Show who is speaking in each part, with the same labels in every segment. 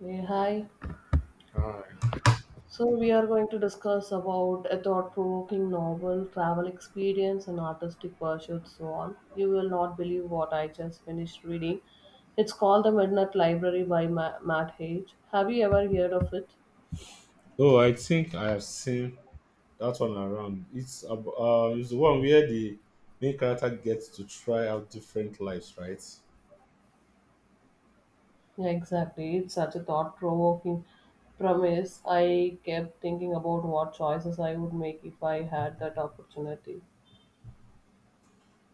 Speaker 1: Yeah, hi.
Speaker 2: Alright.
Speaker 1: So we are going to discuss about a thought-provoking novel, travel experience, and artistic pursuits, so on. You will not believe what I just finished reading. It's called The Midnight Library by Matt Hage. Have you ever heard of it?
Speaker 2: Oh, I think I have seen that one around. It's the one where the main character gets to try out different lives, right?
Speaker 1: Yeah, exactly. It's such a thought-provoking premise. I kept thinking about what choices I would make if I had that opportunity.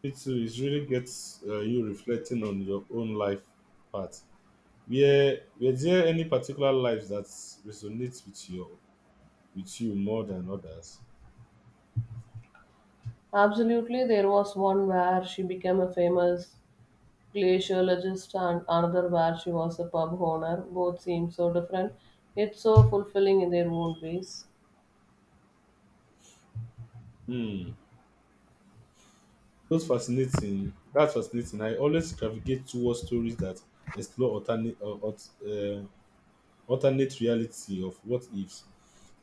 Speaker 2: It too, it really gets you reflecting on your own life path. Were there any particular lives that resonates with your with you more than others?
Speaker 1: Absolutely, there was one where she became a famous glaciologist and another where she was a pub owner. Both seem so different, yet so fulfilling in their own ways.
Speaker 2: Hmm. That's fascinating. That's fascinating. I always navigate towards stories that explore alternate reality of what ifs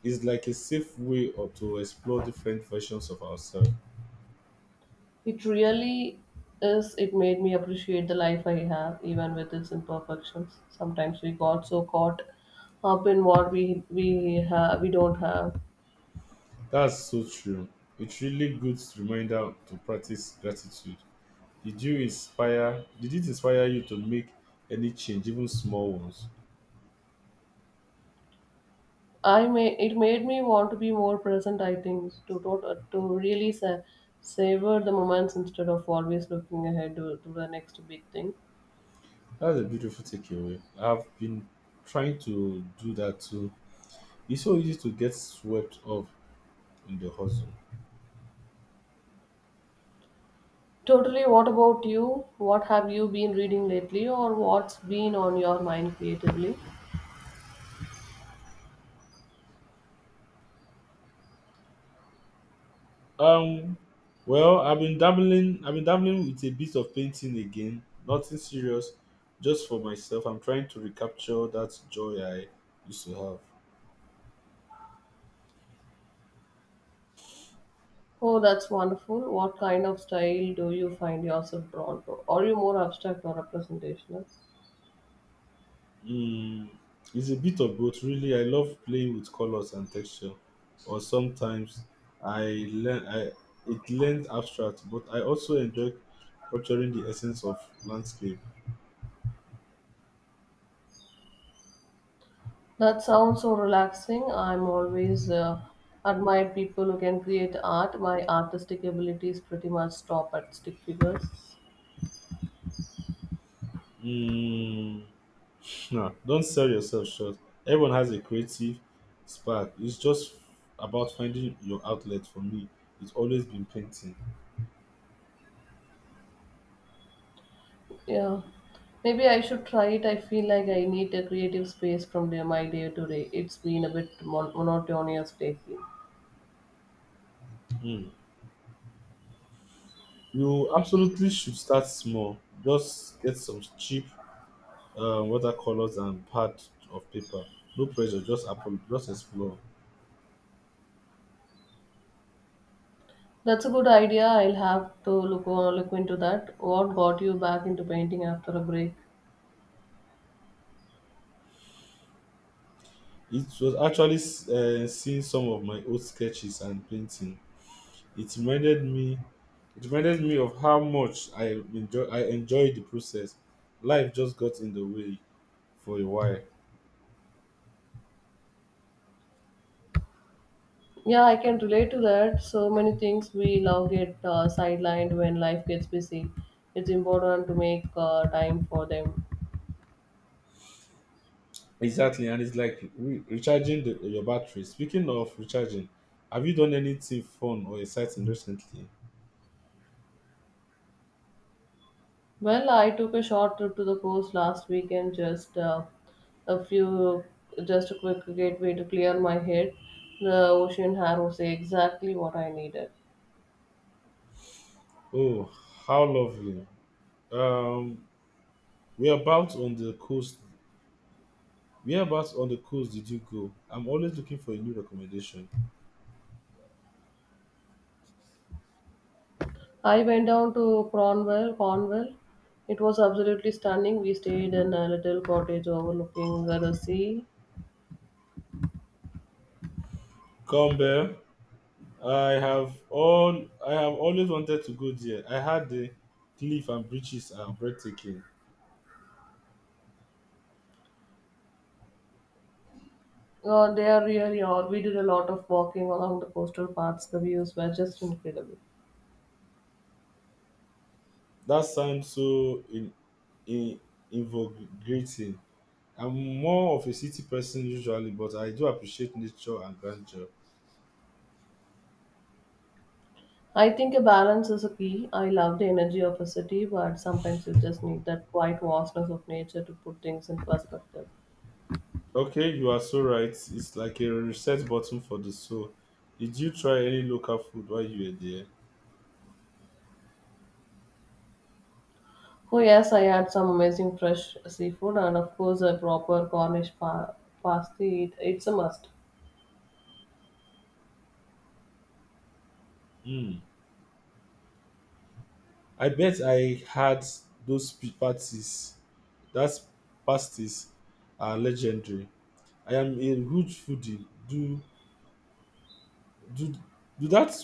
Speaker 2: is like a safe way or to explore different versions of ourselves.
Speaker 1: It really is, it made me appreciate the life I have, even with its imperfections. Sometimes we got so caught up in what we have we don't have.
Speaker 2: That's so true. It's really good reminder to practice gratitude. Did you inspire did it inspire you to make any change, even small ones?
Speaker 1: I may it made me want to be more present. I think to really savor the moments instead of always looking ahead to the next big thing.
Speaker 2: That's a beautiful takeaway. I've been trying to do that too. It's so easy to get swept up in the hustle.
Speaker 1: Totally. What about you? What have you been reading lately, or what's been on your mind creatively?
Speaker 2: Um, well, I've been dabbling with a bit of painting again. Nothing serious, just for myself. I'm trying to recapture that joy I used to have.
Speaker 1: Oh, that's wonderful. What kind of style do you find yourself drawn to? Are you more abstract or representational?
Speaker 2: Mm, it's a bit of both, really. I love playing with colors and texture, or sometimes I learn. I it learns abstract, but I also enjoy capturing the essence of landscape.
Speaker 1: That sounds so relaxing. I'm always admired people who can create art. My artistic abilities pretty much stop at stick figures.
Speaker 2: Mm, No, don't sell yourself short. Everyone has a creative spark. It's just about finding your outlet. For me, it's always been painting.
Speaker 1: Yeah. Maybe I should try it. I feel like I need a creative space from my day to day. It's been a bit monotonous lately.
Speaker 2: Hmm. You absolutely should start small. Just get some cheap watercolors and pad of paper. No pressure. Just explore.
Speaker 1: That's a good idea. I'll have to look into that. What got you back into painting after a break?
Speaker 2: It was actually seeing some of my old sketches and painting It reminded me it reminded me of how much I enjoyed the process. Life just got in the way for a while.
Speaker 1: Yeah, I can relate to that. So many things we love get sidelined when life gets busy. It's important to make time for them.
Speaker 2: Exactly, and it's like recharging your battery. Speaking of recharging, have you done anything fun or exciting recently?
Speaker 1: Well, I took a short trip to the coast last weekend. A few, just a quick gateway to clear my head. The ocean had was exactly what I needed.
Speaker 2: Oh, how lovely! Um, whereabouts on the coast? Whereabouts on the coast did you go? I'm always looking for a new recommendation.
Speaker 1: I went down to Cornwall. Cornwall. It was absolutely stunning. We stayed in a little cottage overlooking the sea.
Speaker 2: Come bear. I have all I have always wanted to go there. I heard the cliff and bridges are breathtaking.
Speaker 1: They are really all. We did a lot of walking along the coastal paths. The views were just incredible.
Speaker 2: That sounds so in invigorating. I'm more of a city person usually, but I do appreciate nature and grandeur.
Speaker 1: I think a balance is a key. I love the energy of a city, but sometimes you just need that quiet vastness of nature to put things in perspective.
Speaker 2: Okay, you are so right. It's like a reset button for the soul. Did you try any local food while you were there?
Speaker 1: Oh yes, I had some amazing fresh seafood and of course a proper Cornish pasty. It's a must.
Speaker 2: Hmm. I bet I had those parties. That's pasties are legendary. I am a huge foodie. Do do do that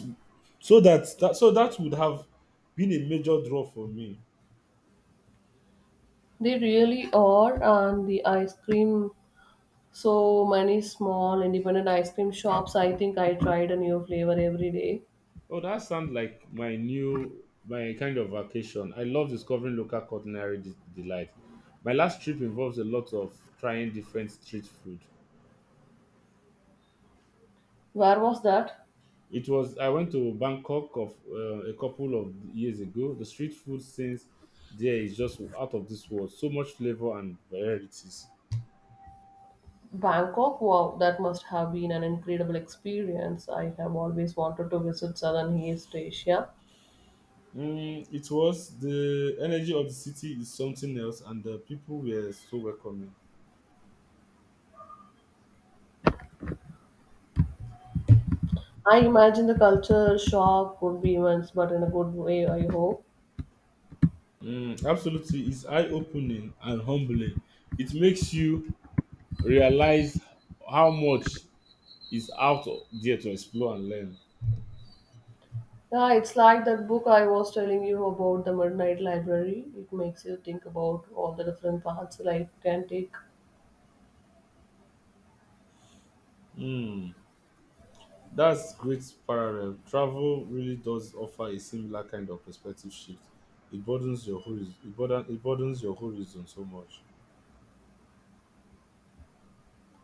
Speaker 2: so that, that so that would have been a major draw for me.
Speaker 1: They really are, and the ice cream, so many small independent ice cream shops. I think I tried a new flavor every day.
Speaker 2: Oh, that sounds like my kind of vacation. I love discovering local delight. My last trip involves a lot of trying different street food.
Speaker 1: Where was that?
Speaker 2: It was I went to Bangkok of a couple of years ago. The street food since there is just out of this world. So much flavor and varieties.
Speaker 1: Bangkok? Wow, that must have been an incredible experience. I have always wanted to visit Southern East Asia.
Speaker 2: It was the energy of the city is something else, and the people were so welcoming.
Speaker 1: I imagine the culture shock would be immense, but in a good way, I hope.
Speaker 2: Absolutely, it's eye opening and humbling. It makes you realize how much is out there to explore and learn.
Speaker 1: Yeah, it's like that book I was telling you about, The Midnight Library. It makes you think about all the different paths life can take.
Speaker 2: Mm, that's great parallel. Travel really does offer a similar kind of perspective shift. It broadens your horizon. It broadens your horizon so much.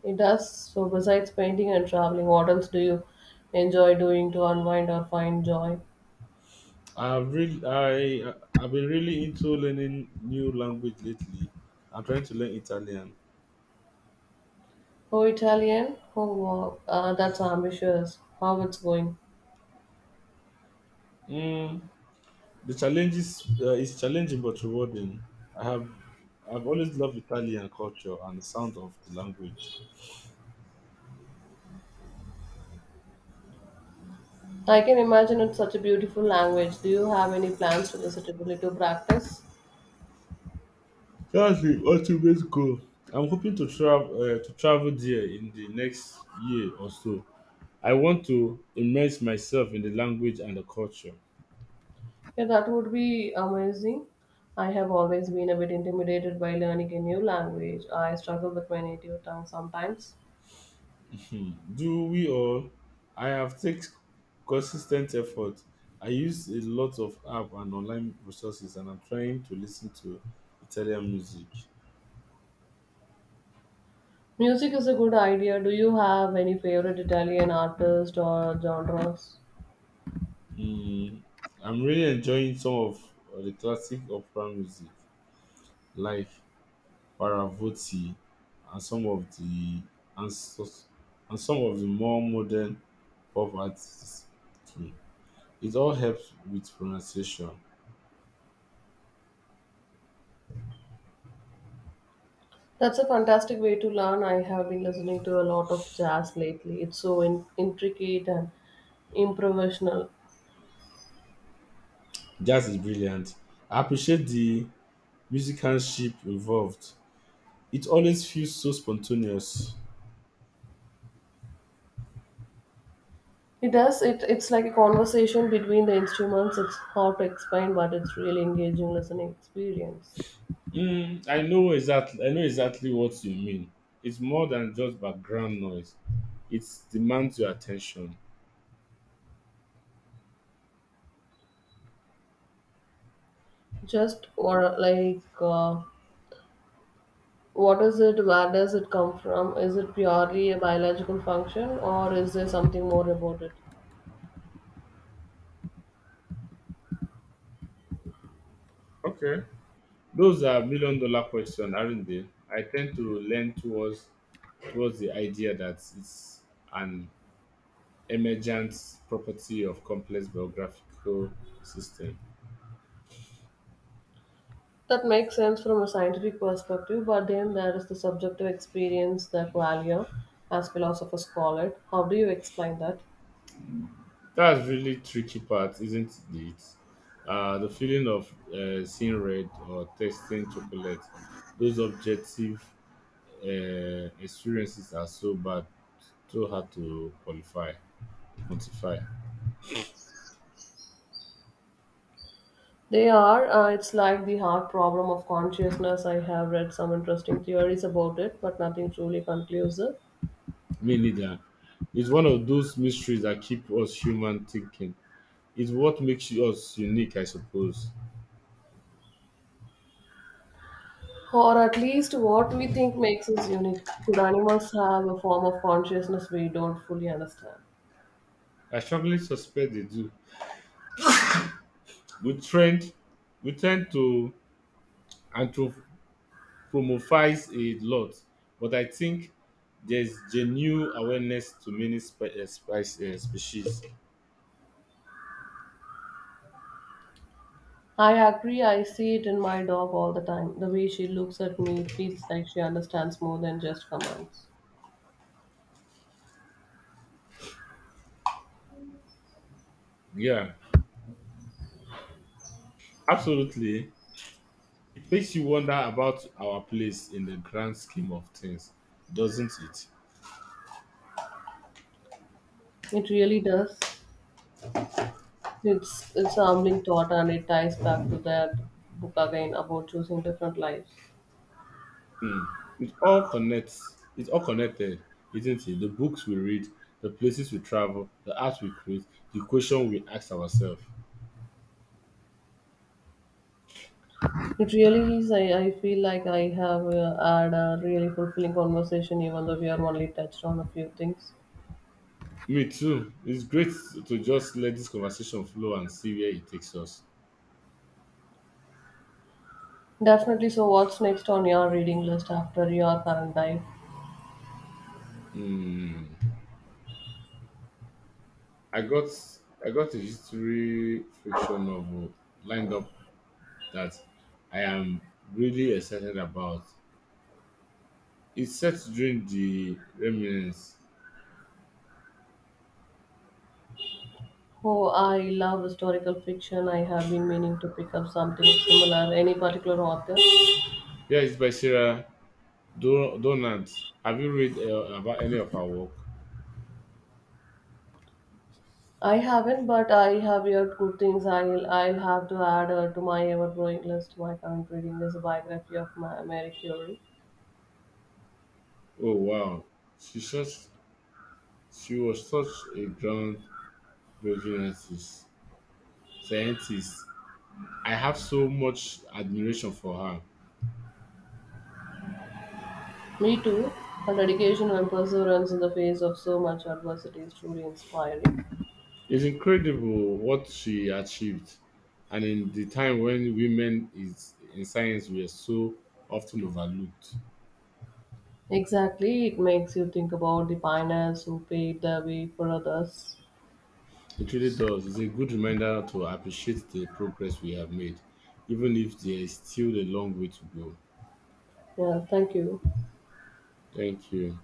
Speaker 1: It does. So, besides painting and traveling, what else do you enjoy doing to unwind or find joy?
Speaker 2: I've been really into learning new language lately. I'm trying to learn Italian.
Speaker 1: Oh, Italian? Oh, wow. That's ambitious. How it's going?
Speaker 2: Mm, the challenge is challenging but rewarding. I have I've always loved Italian culture and the sound of the language.
Speaker 1: I can imagine it's such a beautiful language. Do you have any plans to visit Italy to practice?
Speaker 2: That's the ultimate goal. I'm hoping to travel there in the next year or so. I want to immerse myself in the language and the culture.
Speaker 1: Yeah, that would be amazing. I have always been a bit intimidated by learning a new language. I struggle with my native tongue sometimes.
Speaker 2: Hmm. Do we all? I have taken consistent effort. I use a lot of app and online resources, and I'm trying to listen to Italian music.
Speaker 1: Music is a good idea. Do you have any favorite Italian artist or genres?
Speaker 2: Hmm. I'm really enjoying some of the classic opera music, like Paravotti, and some of the and, so- and some of the more modern pop artists. Hmm. It all helps with pronunciation.
Speaker 1: That's a fantastic way to learn. I have been listening to a lot of jazz lately. It's so intricate and improvisational.
Speaker 2: Jazz is brilliant. I appreciate the musicianship involved. It always feels so spontaneous.
Speaker 1: It does. It's like a conversation between the instruments. It's hard to explain, but it's really engaging listening experience.
Speaker 2: I know exactly what you mean. It's more than just background noise. It demands your attention.
Speaker 1: Just or what is it? Where does it come from? Is it purely a biological function, or is there something more about it?
Speaker 2: Okay, those are million dollar questions, aren't they? I tend to lean towards the idea that it's an emergent property of complex biographical system.
Speaker 1: That makes sense from a scientific perspective, but then there is the subjective experience that value, as philosophers call it. How do you explain that?
Speaker 2: That's really tricky part, isn't it? The feeling of seeing red or tasting chocolate, those objective experiences are so hard to quantify.
Speaker 1: They are. It's like the hard problem of consciousness. I have read some interesting theories about it, but nothing truly conclusive.
Speaker 2: Me neither. It's one of those mysteries that keep us human thinking. It's what makes us unique, I suppose.
Speaker 1: Or at least what we think makes us unique. Could animals have a form of consciousness we don't fully understand?
Speaker 2: I strongly suspect they do. We trend, we tend to anthrop- promothies a lot, but I think there's genuine awareness to many species.
Speaker 1: I agree. I see it in my dog all the time. The way she looks at me, it feels like she understands more than just commands.
Speaker 2: Yeah, absolutely. It makes you wonder about our place in the grand scheme of things, doesn't it?
Speaker 1: It really does. It's a humbling thought, and it ties back to that book again about choosing different lives.
Speaker 2: Hmm. It all connects. It's all connected, isn't it? The books we read, the places we travel, the art we create, the question we ask ourselves.
Speaker 1: It really is. I feel like I have had a really fulfilling conversation, even though we are only touched on a few things.
Speaker 2: Me too. It's great to just let this conversation flow and see where it takes us.
Speaker 1: Definitely. So, what's next on your reading list after your current dive?
Speaker 2: Hmm. I got I got a history fiction novel lined up that I am really excited about. It's set during the Remnants.
Speaker 1: Oh, I love historical fiction. I have been meaning to pick up something similar. Any particular author?
Speaker 2: Yeah, it's by Sarah Donant. Have you read about any of her work?
Speaker 1: I haven't, but I have heard good things. I'll have to add to my ever-growing list. My current reading is a biography of Mary Curie.
Speaker 2: Oh wow, she such she was such a groundbreaking artist, scientist. I have so much admiration for her.
Speaker 1: Me too. Her dedication and perseverance in the face of so much adversity is truly inspiring.
Speaker 2: It's incredible what she achieved, and in the time when women is in science were so often overlooked.
Speaker 1: Exactly, it makes you think about the pioneers who paved the way for others.
Speaker 2: It really does. It's a good reminder to appreciate the progress we have made, even if there is still a long way to go.
Speaker 1: Yeah, thank you.
Speaker 2: Thank you.